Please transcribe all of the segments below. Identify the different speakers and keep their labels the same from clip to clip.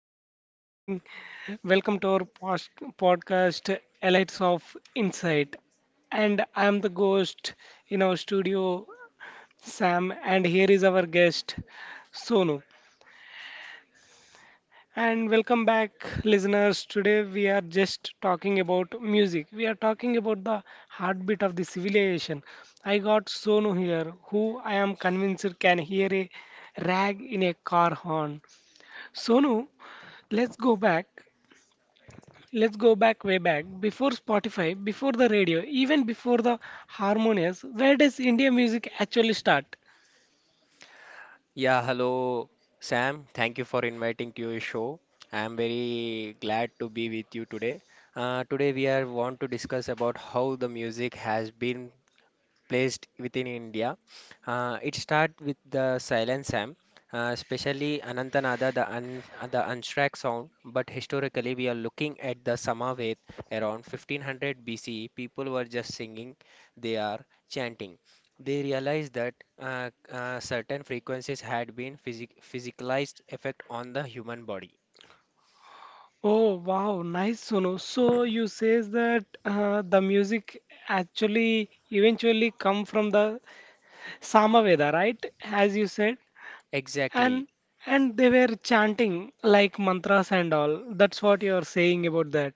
Speaker 1: hello, good morning. Welcome to our post podcast, Elites of Insight. And I'm the ghost in our studio, Sam, and here is our guest, Sonu. And welcome back, listeners. Today we are just talking about music. We are talking about the heartbeat of the civilization. I got Sonu here, who I am convinced can hear a rag in a car horn. Sonu, let's go back. Let's go back way back. Before Spotify, before the radio, even before the harmonious, where does Indian music actually start?
Speaker 2: Yeah, hello Sam. Thank you for inviting to your show. I am very glad to be with you today. Today we are want to discuss about how the music has been placed within India. It starts with the silent Sam, especially Anantanada, the unstruck sound. But historically, we are looking at the Samaved around 1500 BCE. People were just singing, they are chanting. They realized that certain frequencies had been physicalized effect on the human body.
Speaker 1: Oh wow, nice Sonu. So you says that the music actually eventually come from the Samaveda, right? As you said,
Speaker 2: Exactly.
Speaker 1: and they were chanting like mantras and all. That's what you are saying about that.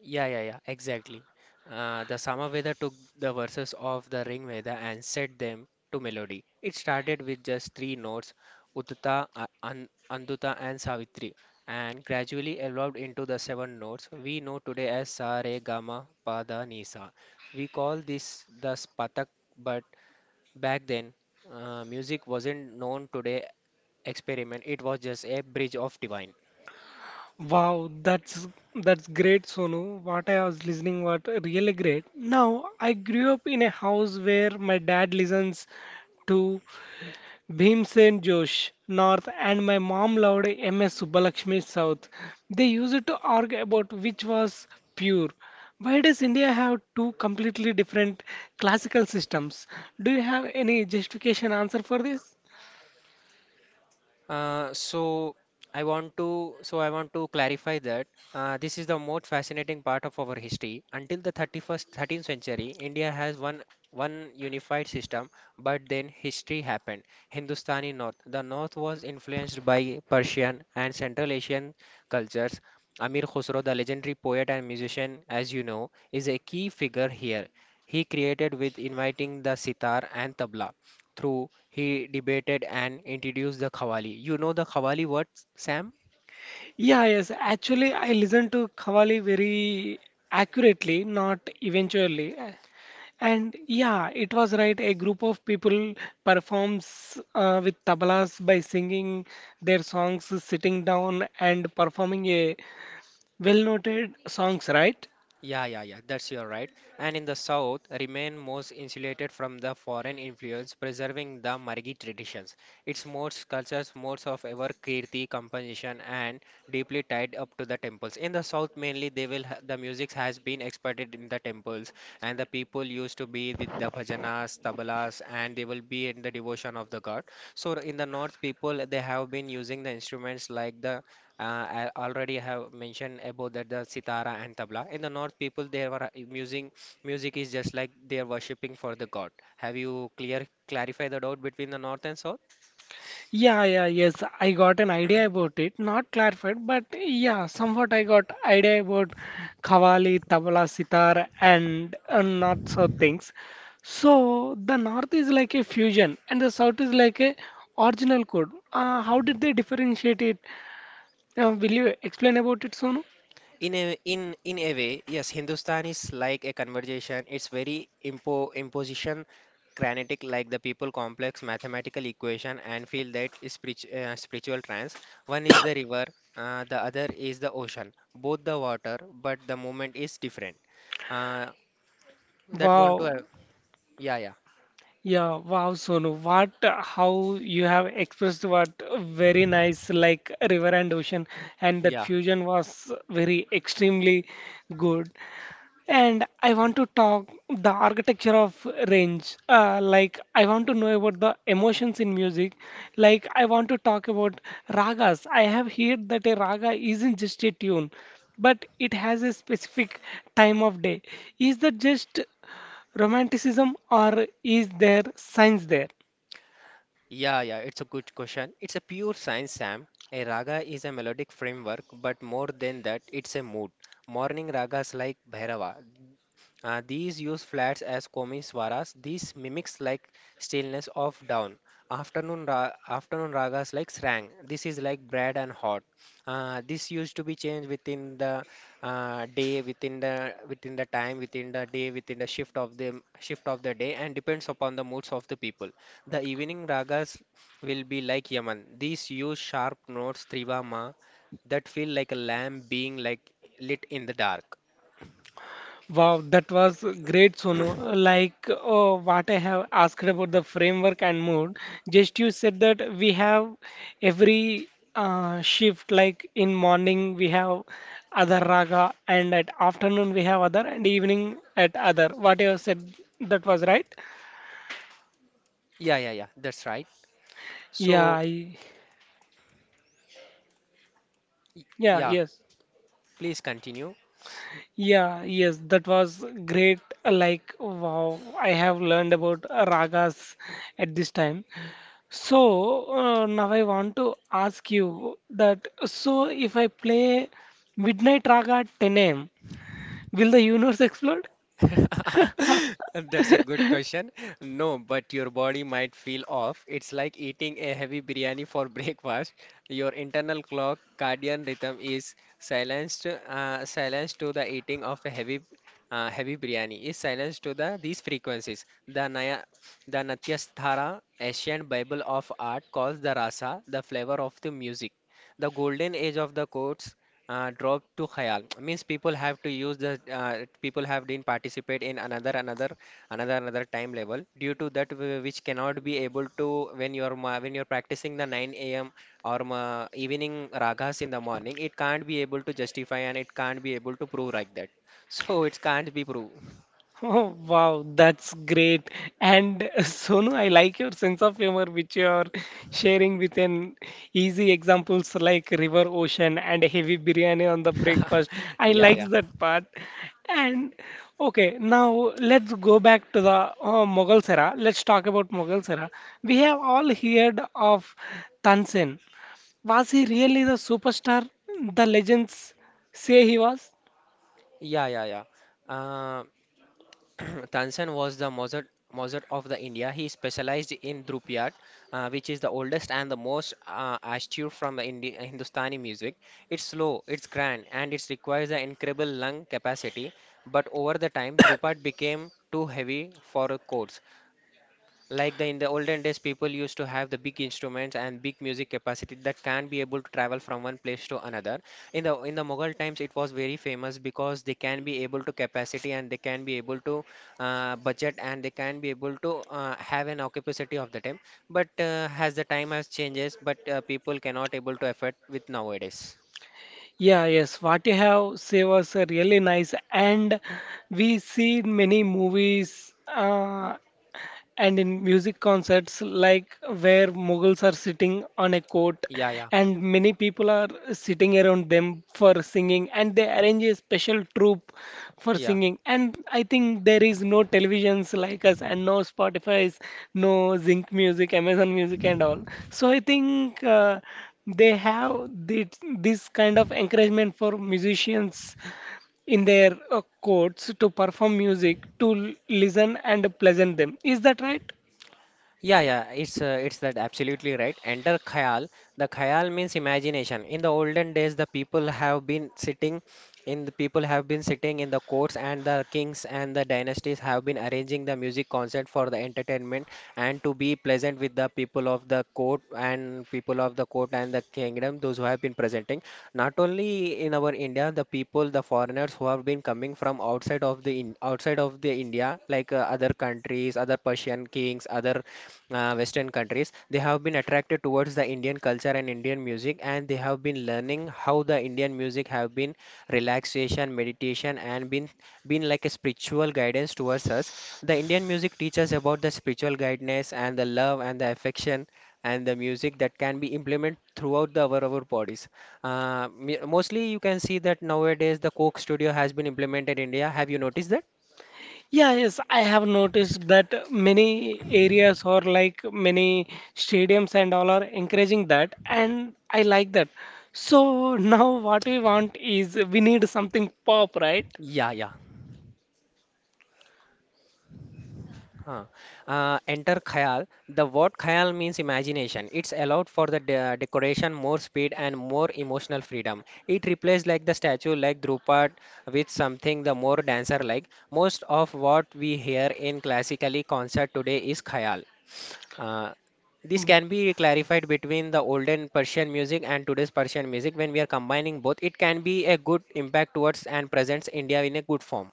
Speaker 2: Yeah, yeah, yeah, exactly. The Samaveda took the verses of the Ring Veda and set them to melody. It started with just three notes, Uttata, Anduta, and Savitri, and gradually evolved into the seven notes we know today as Sa, Re, Ga, Ma, Pa, Da, Ni, Sa. We call this the Spatak, but back then, music wasn't known today experiment. It was just a bridge of divine.
Speaker 1: Wow, that's great, Sonu. What I was listening was really great. Now, I grew up in a house where my dad listens to Bhimsen Josh North and my mom loved MS Subbalakshmi South. They used to argue about which was pure. Why does India have two completely different classical systems? Do you have any justification answer for this?
Speaker 2: Uh, so so I want to clarify that this is the most fascinating part of our history. Until the 31st 13th century, India has one unified system, but then history happened. Hindustani North. The North was influenced by Persian and Central Asian cultures. Amir Khusro, the legendary poet and musician, as you know, is a key figure here. He created with inviting the sitar and tabla through, he debated and introduced the Qawwali. You know the Qawwali what, Sam?
Speaker 1: Yeah, yes. Actually, I listened to Qawwali very accurately, not eventually. And yeah, it was right. A group of people performs with tablas by singing their songs, sitting down and performing a well-noted songs, right?
Speaker 2: Yeah, yeah, yeah, that's your right. And in the south, remain most insulated from the foreign influence, preserving the Margi traditions. Its modes, cultures, modes of ever kirti, composition, and deeply tied up to the temples. In the south, mainly the music has been exported in the temples, and the people used to be with the bhajanas, tabalas, and they will be in the devotion of the god. So in the north, people they have been using the instruments like the I already have mentioned about that the sitara and tabla. In the north, people they were using music is just like they are worshipping for the god. Have you clear clarify the doubt between the north and south?
Speaker 1: Yeah, yeah, yes. I got an idea about it. Not clarified, but yeah, somewhat I got idea about Qawwali, Tabla, Sitar, and North South things. So the North is like a fusion, and the South is like a original code. How did they differentiate it? Will you explain about it, Sonu?
Speaker 2: In a way, yes, Hindustan is like a conversation. It's very imposition granitic like the people complex mathematical equation and feel that is spiritual trance, one is the river, the other is the ocean, both the water but the movement is different. uh, That want to
Speaker 1: Wow.
Speaker 2: have. Yeah, yeah,
Speaker 1: Yeah, wow, Sonu. What, how you have expressed what very nice, like river and ocean, and that
Speaker 2: yeah,
Speaker 1: fusion was very extremely good. And I want to talk the architecture of range. Like I want to know about the emotions in music. Like I want to talk about ragas. I have heard that a raga isn't just a tune, but it has a specific time of day. Is that just romanticism or is there science there?
Speaker 2: yeah, yeah. It's a good question. It's a pure science, Sam. A raga is a melodic framework, but more than that, it's a mood. Morning ragas like Bhairava. These use flats as komi swaras. These mimics like stillness of down. Afternoon ragas like srang. This is like bread and hot. This used to be changed within the day, within the time, within the day, within the shift of the day, and depends upon the moods of the people. The evening ragas will be like Yaman. These use sharp notes trivama that feel like a lamp being like lit in the dark.
Speaker 1: Wow, that was great Sonu. What I have asked about the framework and mood, just you said that we have every shift, like in morning we have other raga and at afternoon we have other and evening at other. What you have said, that was right.
Speaker 2: Yeah, yeah, yeah. That's right.
Speaker 1: yeah
Speaker 2: So.
Speaker 1: I,
Speaker 2: Y-
Speaker 1: yeah,
Speaker 2: Yeah,
Speaker 1: yes.
Speaker 2: please continue.
Speaker 1: Yeah, yes, that was great. Like, wow, I have learned about ragas at this time. So, now I want to ask you that so if I play Midnight Raga at 10 a.m., will the universe explode?
Speaker 2: That's a good question. No, but your body might feel off. It's like eating a heavy biryani for breakfast. Your internal clock cardian rhythm is silenced, silenced to the eating of a heavy biryani. Is silenced to the these frequencies. The Naya, the Natyasthara, ancient Bible of art, calls the rasa the flavor of the music. The golden age of the chords drop to khayal means people have to use the people have been participate in another another time level due to that which cannot be able to when you are when you're practicing the 9 a.m. or evening ragas in the morning, it can't be able to justify and it can't be able to prove like that. So it can't be proved.
Speaker 1: Oh, wow, that's great. And Sonu, I like your sense of humor, which you are sharing with an easy examples like river, ocean, and heavy biryani on the breakfast. I
Speaker 2: Yeah,
Speaker 1: like
Speaker 2: yeah,
Speaker 1: that part. And okay, now let's go back to the Mughal era. Let's talk about Mughal era. We have all heard of Tansen. Was he really the superstar the legends say he was?
Speaker 2: yeah, yeah, yeah. Uh, Tansen was the Mozart, Mozart of the India. He specialized in Dhrupiyat, which is the oldest and the most astute from the Hindustani music. It's slow, it's grand, and it requires an incredible lung capacity. But over the time, Dhrupad became too heavy for a chords, like the in the olden days, people used to have the big instruments and big music capacity that can be able to travel from one place to another. In the Mughal times, it was very famous because they can be able to capacity and they can be able to budget and they can be able to have an occupancy of the time. But as the time has changes, but people cannot able to afford with nowadays.
Speaker 1: Yeah, yes, what you have said was really nice, and we see many movies. And in music concerts like where mughals are sitting on a court
Speaker 2: Yeah, yeah,
Speaker 1: and many people are sitting around them for singing and they arrange a special troupe for
Speaker 2: yeah.
Speaker 1: singing. And I think there is no televisions like us and no spotify's, no zinc music amazon music and all. So I think they have thi- this kind of encouragement for musicians in their courts to perform music to listen and pleasant them. Is that right?
Speaker 2: Yeah, yeah, it's that absolutely right. Enter khayal. The khayal means imagination. In the olden days, the people have been sitting in the courts and the kings and the dynasties have been arranging the music concert for the entertainment and to be pleasant with the people of the court and people of the court and the kingdom those who have been presenting not only in our India, the people, the foreigners who have been coming from outside of the India like other countries, other Persian kings, other Western countries, they have been attracted towards the Indian culture and Indian music, and they have been learning how the Indian music have been relaxation, meditation, and been like a spiritual guidance towards us. The Indian music teaches about the spiritual guidance and the love and the affection and the music that can be implemented throughout our bodies. Mostly, you can see that nowadays the Coke studio has been implemented in India. Have you noticed that?
Speaker 1: Yeah, yes, I have noticed that many areas or like many stadiums and all are encouraging that, and I like that. So now what we want is we need something pop, right?
Speaker 2: Yeah, yeah. Huh. Enter khayal. The word khayal means imagination. It's allowed for the decoration more speed and more emotional freedom. It replaced like the statue like Drupad with something the more dancer like. Most of what we hear in classically concert today is khayal. Uh, this can be clarified between the olden Persian music and today's Persian music. When we are combining both, it can be a good impact towards and presents India in a good form.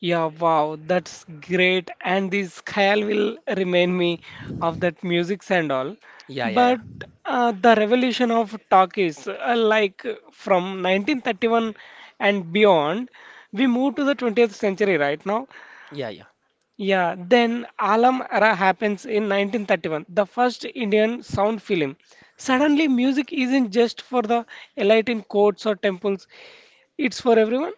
Speaker 1: Yeah, wow, that's great. And this khayal will remind me of that music and all.
Speaker 2: Yeah, yeah, yeah.
Speaker 1: But the revolution of talkies, from 1931 and beyond, we move to the 20th century right now.
Speaker 2: Yeah, yeah.
Speaker 1: Yeah, then Alam era happens in 1931, the first Indian sound film. Suddenly, music isn't just for the elite in courts or temples, it's for everyone.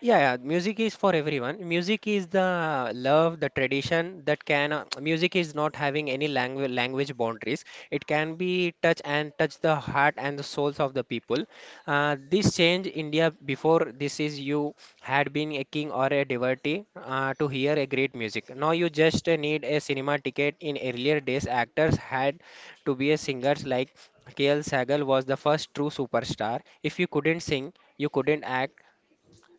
Speaker 2: Yeah, yeah, music is for everyone. Music is the love, the tradition that can. Music is not having any language boundaries. It can be touch and touch the heart and the souls of the people. This change India, before this is you had been a king or a devotee to hear a great music. Now you just need a cinema ticket. In earlier days, actors had to be a singers like K.L. Sagal was the first true superstar. If you couldn't sing, you couldn't act,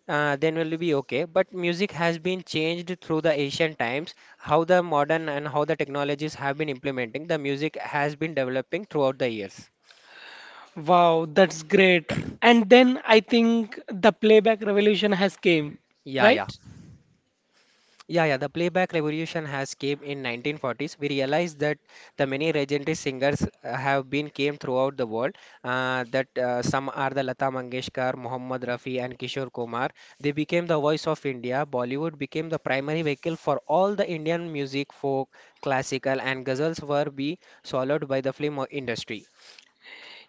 Speaker 2: then will be okay. But music has been changed through the ancient times. How the modern and how the technologies have been implementing, the music has been developing throughout the years.
Speaker 1: Wow, that's great. And then I think the playback revolution has came,
Speaker 2: Yeah, yeah.
Speaker 1: right?
Speaker 2: Yeah, yeah, the playback revolution has came in 1940s. We realized that the many legendary singers have been came throughout the world. That Some are the Lata Mangeshkar, Mohammed Rafi, and Kishore Kumar. They became the voice of India. Bollywood became the primary vehicle for all the Indian music, folk, classical, and ghazals were be swallowed by the film industry.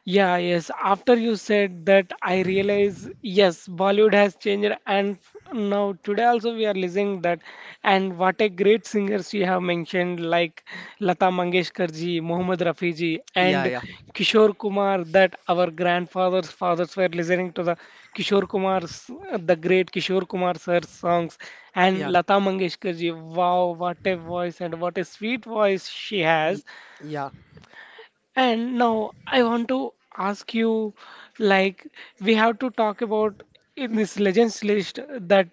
Speaker 1: Yeah, yes. After you said that, I realize yes, Bollywood has changed, and now today also we are listening that, and what a great singers you have mentioned like Lata Mangeshkar ji, Mohammed Rafi ji,
Speaker 2: Yeah,
Speaker 1: and
Speaker 2: yeah,
Speaker 1: Kishore Kumar. That our grandfathers, fathers were listening to the Kishore Kumar's, the great Kishore Kumar sir's songs, and
Speaker 2: yeah,
Speaker 1: Lata Mangeshkar ji. Wow, what a voice and what a sweet voice she
Speaker 2: y-
Speaker 1: has.
Speaker 2: yeah.
Speaker 1: And now I want to ask you, like, we have to talk about in this legends list that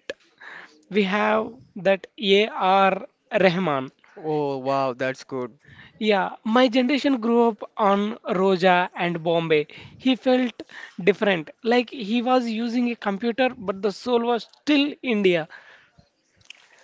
Speaker 1: we have that A.R. Rahman.
Speaker 2: Oh wow, that's good.
Speaker 1: Yeah, my generation grew up on Roja and Bombay. He felt different, like he was using a computer, but the soul was still India,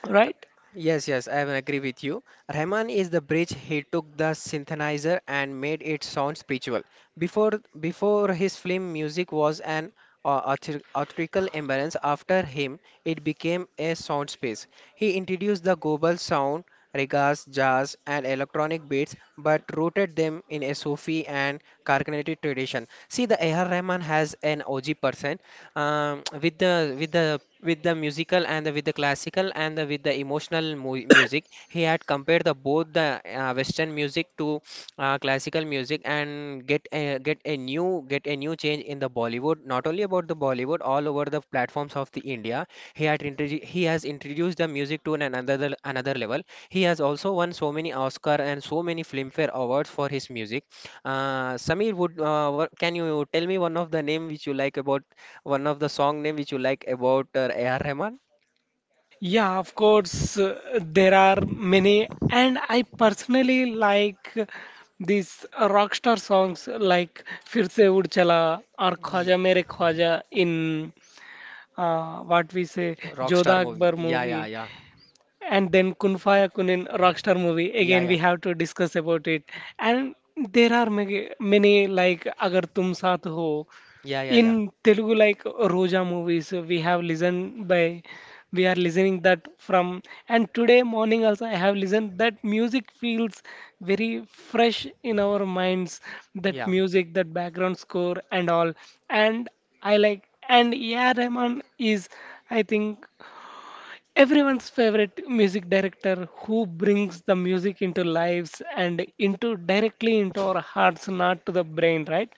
Speaker 1: right?
Speaker 2: Yes, yes, I will agree with you. Rahman is the bridge. He took the synthesizer and made it sound spiritual. Before before his film, music was an theatrical embrace. After him, it became a sound space. He introduced the global sound, regas, jazz, and electronic beats, but rooted them in a Sufi and Carnatic tradition. See, the A.R. Rahman has an OG person, with the musical and with the classical and with the emotional music, he had compared the both the western music to classical music and get a new change in the Bollywood, not only about the Bollywood, all over the platforms of the India. He has introduced the music to an another level. He has also won so many Oscar and so many Filmfare awards for his music. Samir, would can you tell me one of the name which you like about one of the song name which you like about A.R. Rahman?
Speaker 1: Yeah, of course, there are many, and I personally like these rock star songs like Fir Se Ud Chala or
Speaker 2: Ye-
Speaker 1: Khwaja Mere Khwaja in what we say
Speaker 2: Rockstar
Speaker 1: Jodha
Speaker 2: movie.
Speaker 1: Akbar
Speaker 2: Yeah, yeah,
Speaker 1: movie,
Speaker 2: yeah.
Speaker 1: and then Kun Faya Kun in Rockstar movie.
Speaker 2: Yeah,
Speaker 1: Again, we
Speaker 2: yeah.
Speaker 1: have to discuss about it. And there are many, many like Agar Tum Saath Ho
Speaker 2: Yeah, yeah,
Speaker 1: in
Speaker 2: yeah.
Speaker 1: Telugu, like Roja movies we have listened by, we are listening that from, and today morning also I have listened. That music feels very fresh in our minds, that
Speaker 2: Yeah.
Speaker 1: music, that background score and all. And I like, and A.R. Rahman is I think everyone's favorite music director, who brings the music into lives and into directly into our hearts, not to the brain, right?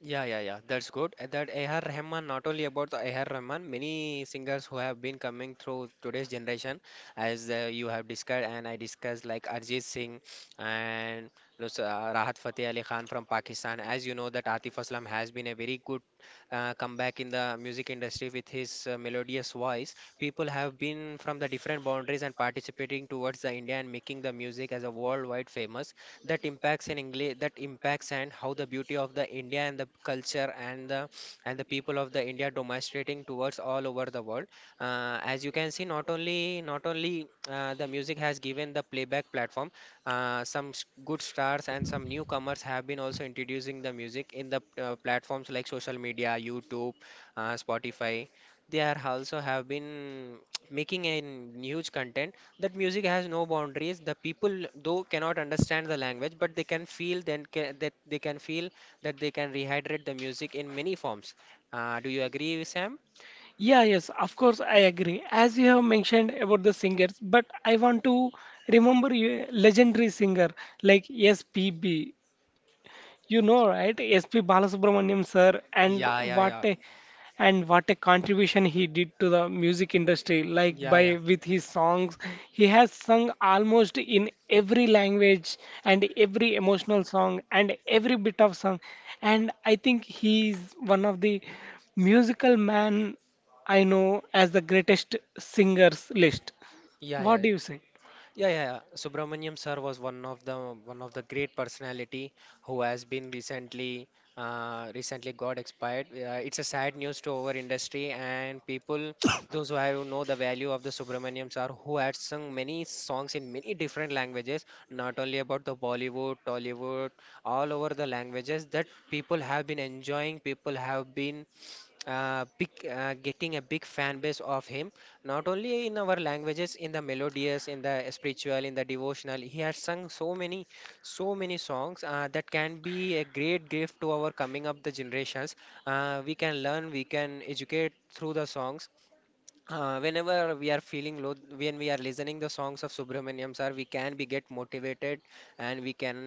Speaker 2: Yeah, yeah, yeah. That's good. And that A.R. Rahman, not only about the A.R. Rahman, many singers who have been coming through today's generation, as you have discussed and I discussed, like Arjit Singh and Rahat Fateh Ali Khan from Pakistan. As you know, that Atif Aslam has been a very good comeback in the music industry with his melodious voice. People have been from the different boundaries and participating towards the India and making the music as a worldwide famous that impacts in English that impacts and how the beauty of the India and the culture and the people of the India demonstrating towards all over the world. As you can see, not only the music has given the playback platform, good stars and some newcomers have been also introducing the music in the platforms like social media, YouTube, Spotify. They are also have been making a huge content that music has no boundaries. The people, though, cannot understand the language, but they can feel that they can feel that they can rehydrate the music in many forms. Do you agree, Sam?
Speaker 1: Yeah, yes, of course, I agree. As you have mentioned about the singers, but I want to remember a legendary singer like SPB. You know, right? S.P. Balasubramaniam sir, and
Speaker 2: Yeah, yeah,
Speaker 1: what
Speaker 2: yeah,
Speaker 1: a, and what a contribution he did to the music industry. Like
Speaker 2: yeah, yeah,
Speaker 1: by with his songs, he has sung almost in every language and every emotional song and every bit of song. And I think he is one of the musical man I know as the greatest singers list.
Speaker 2: yeah, yeah,
Speaker 1: What
Speaker 2: yeah.
Speaker 1: do you say?
Speaker 2: Yeah, yeah, yeah. Subramaniam sir was one of the great personality who has been recently got expired. It's a sad news to our industry and people, those who have know the value of the Subramaniam sir, who had sung many songs in many different languages, not only about the Bollywood, Tollywood, all over the languages that people have been enjoying, people have been big getting a big fan base of him not only in our languages, in the melodious, in the spiritual, in the devotional. He has sung so many songs that can be a great gift to our coming up the generations. We can learn, we can educate through the songs, whenever we are feeling low, when we are listening the songs of Subramaniam sir, we can be get motivated and we can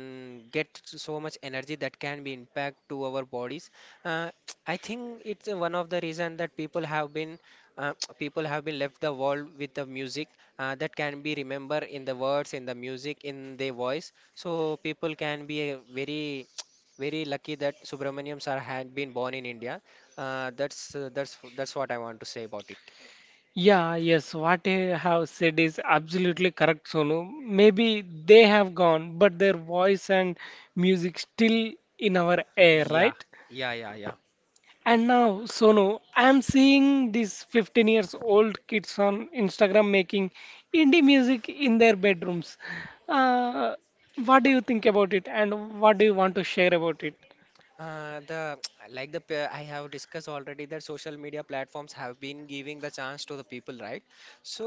Speaker 2: get so much energy that can be impact to our bodies. uh, I think it's one of the reason that people have been uh, people have been left the world with the music, that can be remember in the words, in the music, in their voice. So people can be very very lucky that Subramaniam sir had been born in India. That's what I want to say about it.
Speaker 1: Yeah, yes, what you have said is absolutely correct, Sonu. Maybe they have gone, but their voice and music still in our air,
Speaker 2: Yeah,
Speaker 1: right?
Speaker 2: yeah, yeah, yeah.
Speaker 1: And now, Sonu, I'm seeing these 15 years old kids on Instagram making indie music in their bedrooms. Uh, what do you think about it, and what do you want to share about it?
Speaker 2: The I have discussed already that social media platforms have been giving the chance to the people, right?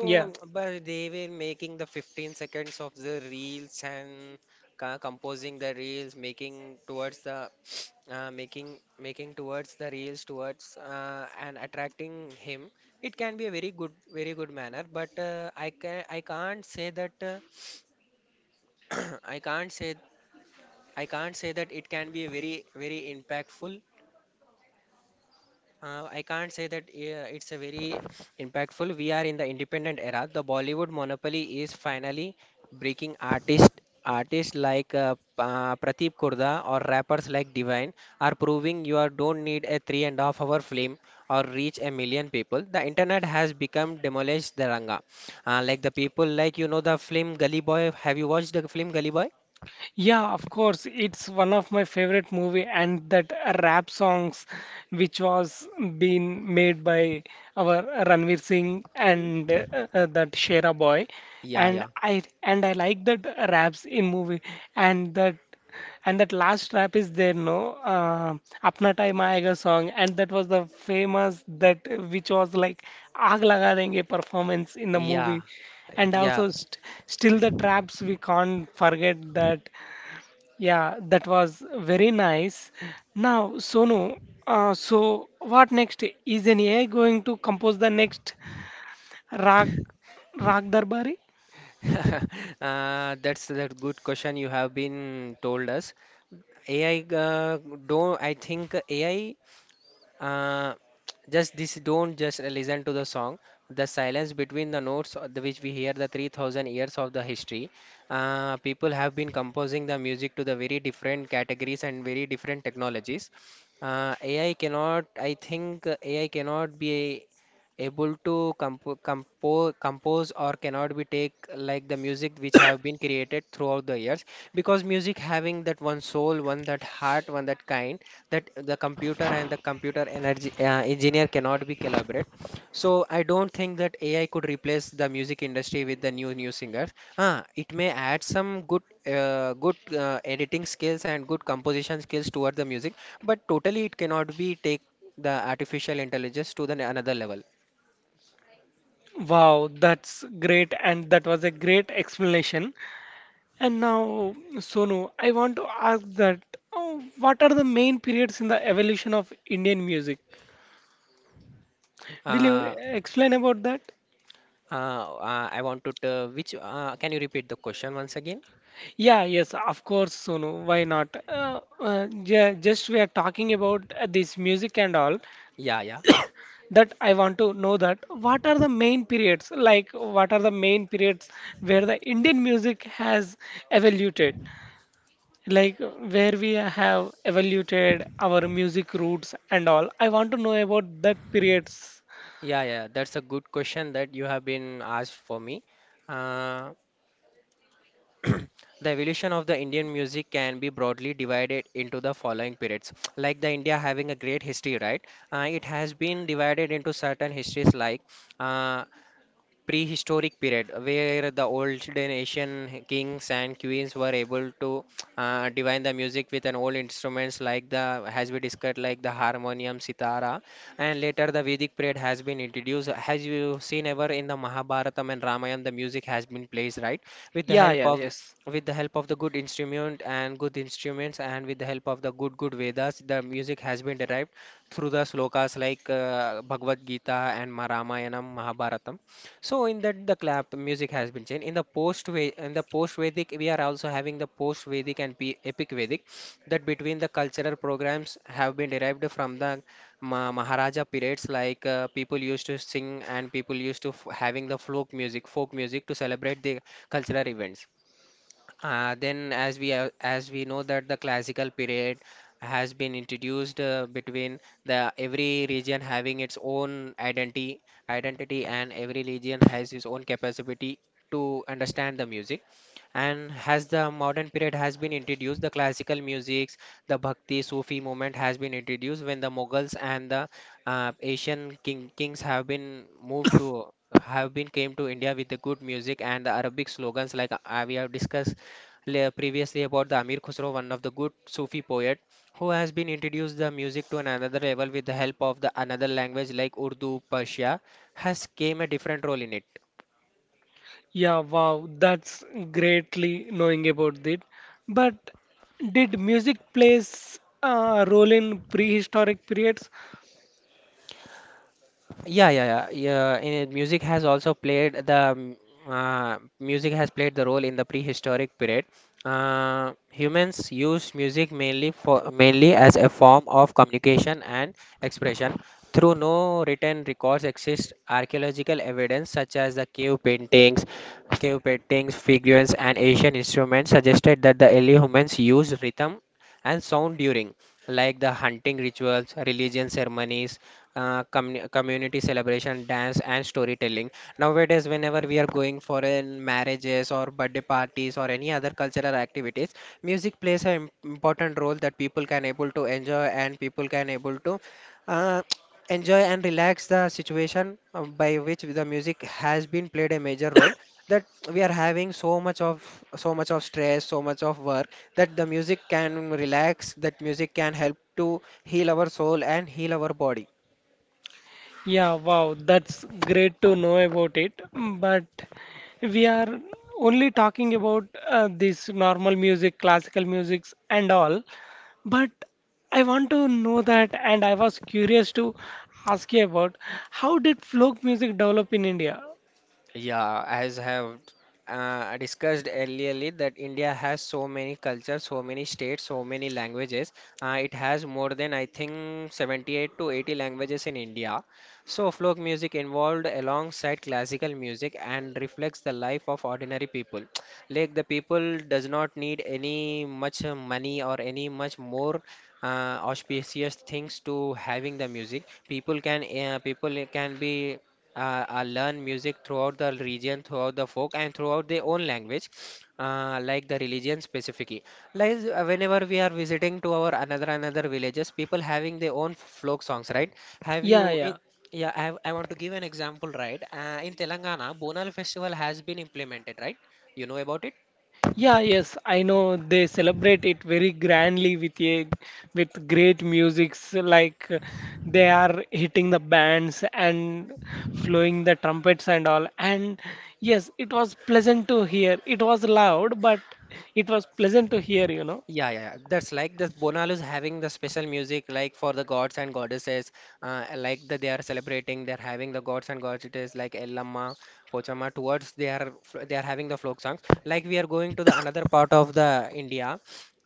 Speaker 1: Yeah.
Speaker 2: but they were making the 15 seconds of the reels and composing the reels, making towards the making towards the reels towards and attracting him. It can be very good manner, but I can I can't say that I can't say I can't say that it can be a very, very impactful. I can't say that it's a very impactful. We are in the independent era. The Bollywood monopoly is finally breaking artists. Artists like Prateep Kurda or rappers like Divine are proving you are, don't need a three and a half hour film or reach 1,000,000 people. The internet has become demolished the ranga. Like the people, like you know the film Gully Boy. Have you watched the film Gully Boy?
Speaker 1: Yeah, of course. It's one of my favorite movie and that rap songs which was being made by our Ranveer Singh and that Shera boy.
Speaker 2: Yeah,
Speaker 1: And
Speaker 2: yeah.
Speaker 1: I like that raps in movie, and that, and that last rap is there, no? Apna Time Aayega song, and that was the famous that, which was like Aag Laga Denge performance in the
Speaker 2: Yeah,
Speaker 1: movie. And
Speaker 2: yeah.
Speaker 1: also st still the traps we can't forget that. Yeah, that was very nice. Now, Sonu, so what next? Is an AI going to compose the next Rag, Rag Darbari?
Speaker 2: That's that good question you have been told us. AI uh, don't I think AI uh, just this don't just listen to the song. The silence between the notes, which we hear the 3,000 years of the history. People have been composing the music to the very different categories and very different technologies. AI cannot, I think, AI cannot be able to compose or cannot be take like the music which have been created throughout the years, because music having that one soul, one that heart, one that kind, that the computer and the computer energy engineer cannot be collaborate. So I don't think that AI could replace the music industry with the new singers. Ah, it may add some good good editing skills and good composition skills toward the music, but totally it cannot be take the artificial intelligence to the another level.
Speaker 1: Wow, that's great, and that was a great explanation. And now, Sonu, I want to ask that what are the main periods in the evolution of Indian music? Will you
Speaker 2: uh,
Speaker 1: explain about that?
Speaker 2: uh, I want to t- which can you repeat the question once again?
Speaker 1: Yeah, yes, of course, Sonu. Why not? Just we are talking about this music and all.
Speaker 2: yeah yeah
Speaker 1: That I want to know that what are the main periods, like what are the main periods where the Indian music has evoluted, like where we have evoluted our music roots and all. I want to know about that periods.
Speaker 2: yeah, that's a good question that you have been asked for me. uh, The evolution of the Indian music can be broadly divided into the following periods. Like the India having a great history, right? It has been divided into certain histories like uh, prehistoric period where the olden Asian kings and queens were able to divine the music with an old instruments like the has been discussed like the harmonium, sitara, and later the Vedic period has been introduced. Has you seen ever in the Mahabharatam and Ramayana the music has been placed, right? with the
Speaker 1: Yeah,
Speaker 2: help
Speaker 1: yeah,
Speaker 2: of
Speaker 1: yes.
Speaker 2: with the help of the good instrument and good instruments, and with the help of the good Vedas, the music has been derived through the slokas like Bhagavad Gita and Ramayanam, Mahabharatam. So in that the clap music has been changed. In the post Vedic, we are also having the post Vedic and epic Vedic that between the cultural programs have been derived from the Maharaja periods, like people used to sing and people used to having the folk music to celebrate the cultural events. Then, as we know that the classical period has been introduced between the every region having its own identity, and every region has its own capacity to understand the music. And as the modern period has been introduced, the classical music, the Bhakti Sufi movement has been introduced when the Mughals and the Asian kings have been moved to have been came to India with the good music and the Arabic slogans like we have discussed previously about the Amir Khusro, one of the good Sufi poet who has been introduced the music to an another level with the help of the another language like Urdu, Persia, has came a different role in it.
Speaker 1: Yeah, wow, that's greatly knowing about it. But did music plays a role in prehistoric periods?
Speaker 2: Yeah, yeah, yeah. Yeah, in, music has also played the music has played the role in the prehistoric period. Humans used music mainly as a form of communication and expression. Through no written records exist archaeological evidence such as the cave paintings, figurines, and Asian instruments suggested that the early humans used rhythm and sound during like the hunting rituals, religion ceremonies, community celebration, dance, and storytelling. Nowadays, whenever we are going for in marriages or birthday parties or any other cultural activities, music plays an important role that people can able to enjoy, and people can able to uh, enjoy and relax the situation by which the music has been played a major role, that we are having so much of stress, so much of work, that the music can relax, that music can help to heal our soul and heal our body.
Speaker 1: Yeah, wow, that's great to know about it. Mm. But we are only talking about this normal music, classical musics, and all. But I want to know that, and I was curious to ask you about, how did folk music develop in India?
Speaker 2: Yeah, as have discussed earlierly that India has so many cultures, so many states, so many languages. It has more than I think 78 to 80 languages in India. So folk music involved alongside classical music and reflects the life of ordinary people. Like the people does not need any much money or any much more uh, auspicious things to having the music. People can be learn music throughout the region, throughout the folk, and throughout their own language, like the religion specifically. Like whenever we are visiting to our another villages, people having their own folk songs, right? Have
Speaker 1: Yeah,
Speaker 2: you in
Speaker 1: yeah.
Speaker 2: Yeah, I want to give an example, right? In Telangana, Bonal festival has been implemented, right? You know about it?
Speaker 1: Yeah, yes, I know they celebrate it very grandly with a, with great musics like they are hitting the bands and flowing the trumpets and all. And yes, it was pleasant to hear. It was loud, but it was pleasant to hear, you know.
Speaker 2: Yeah, yeah, yeah. That's like the is having the special music like for the gods and goddesses, like that they are celebrating, they're having the gods and goddesses like Ellamma, Pochama towards they are they are having the folk songs. Like we are going to the another part of the India,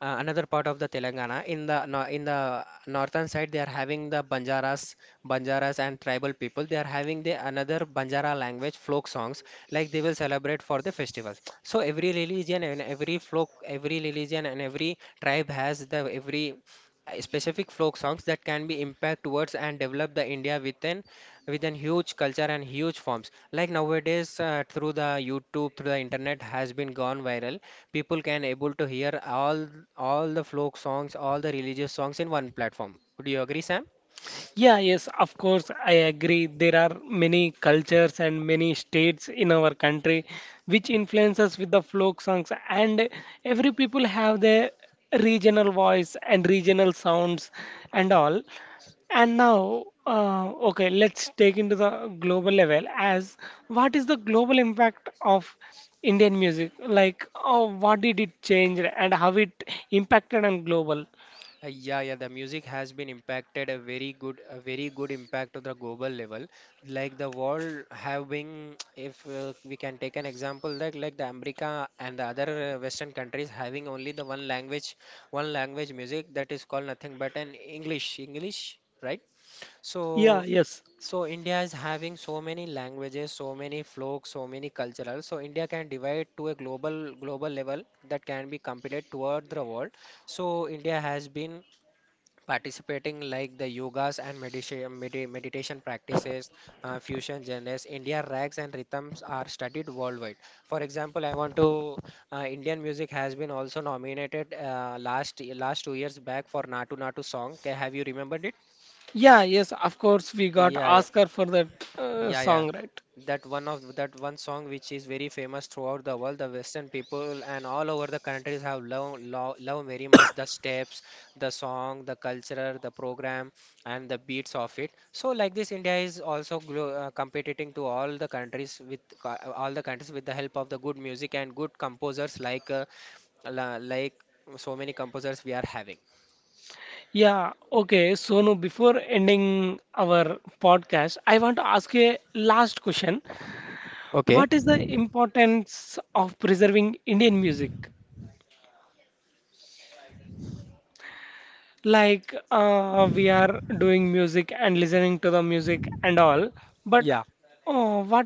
Speaker 2: another part of the Telangana. In the no, In the northern side, they are having the Banjaras and tribal people. They are having the another Banjara language folk songs, like they will celebrate for the festivals. So every religion and every folk, every religion and every tribe has the every specific folk songs that can be impact towards and develop the India within huge culture and huge forms. Like nowadays, through the YouTube, through the internet has been gone viral. People can able to hear all the folk songs, all the religious songs in one platform. Would you agree, Sam?
Speaker 1: Yeah, yes, of course, I agree. There are many cultures and many states in our country which influences with the folk songs, and every people have their regional voice and regional sounds and all. And now, okay, let's take into the global level as what is the global impact of Indian music? Like, oh, what did it change and how it impacted on global?
Speaker 2: Yeah, yeah, the music has been impacted a very good impact to the global level. Like the world having, if we can take an example, like the America and the other Western countries having only the one language music that is called nothing but an English, English, right?
Speaker 1: Yeah,
Speaker 2: So,
Speaker 1: yes.
Speaker 2: so India is having so many languages, so many folk, so many cultural. So India can divide to a global level that can be competed toward the world. So India has been participating like the yogas and meditation, meditation practices, fusion genres, India rags and rhythms are studied worldwide. For example, I want to Indian music has been also nominated last 2 years back for natu song. Have you remembered it?
Speaker 1: Yeah, yes, of course, we got
Speaker 2: Yeah,
Speaker 1: Oscar for that
Speaker 2: yeah, yeah.
Speaker 1: song, right?
Speaker 2: That one of that one song which is very famous throughout the world, the Western people and all over the countries have love very much the steps, the song, the culture, the program, and the beats of it. So like this, India is also glo competing to all the countries with the help of the good music and good composers like like so many composers we are having.
Speaker 1: Yeah, okay. So now before ending our podcast, I want to ask a last question.
Speaker 2: Okay.
Speaker 1: What is the importance of preserving Indian music? Like, we are doing music and listening to the music and all, but
Speaker 2: Yeah.
Speaker 1: what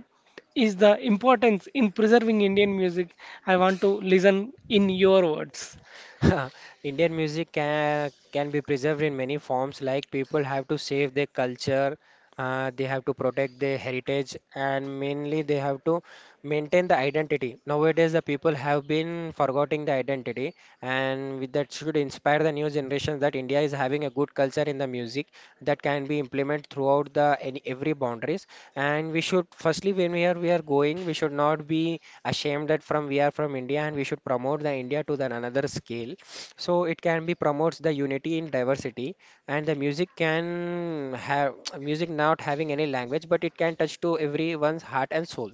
Speaker 1: is the importance in preserving Indian music? I want to listen in your words.
Speaker 2: Indian music can be preserved in many forms. Like people have to save their culture, they have to protect their heritage, and mainly they have to maintain the identity. Nowadays, the people have been forgetting the identity, and with that should inspire the new generation that India is having a good culture in the music that can be implemented throughout the any every boundaries. And we should firstly, when we are going, we should not be ashamed that from we are from India, and we should promote the India to the another scale. So it can be promotes the unity in diversity, and the music can have music not having any language, but it can touch to everyone's heart and soul.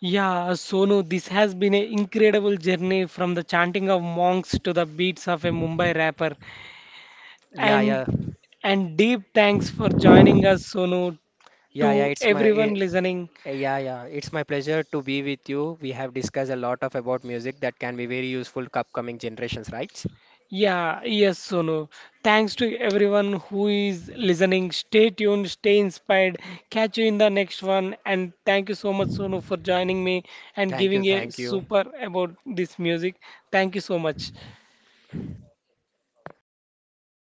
Speaker 1: Yeah, Sonu, this has been an incredible journey from the chanting of monks to the beats of a Mumbai rapper.
Speaker 2: Yeah,
Speaker 1: And
Speaker 2: yeah,
Speaker 1: and deep thanks for joining us, Sonu,
Speaker 2: yeah, yeah.
Speaker 1: to everyone listening.
Speaker 2: Yeah, yeah. It's my pleasure to be with you. We have discussed a lot of about music that can be very useful to upcoming generations, right?
Speaker 1: Yeah, yes, Sonu. Thanks to everyone who is listening. Stay tuned, stay inspired. Catch you in the next one. And thank you so much, Sonu, for joining me and
Speaker 2: Thank you,
Speaker 1: giving a
Speaker 2: thank you.
Speaker 1: super about this music. Thank you so much.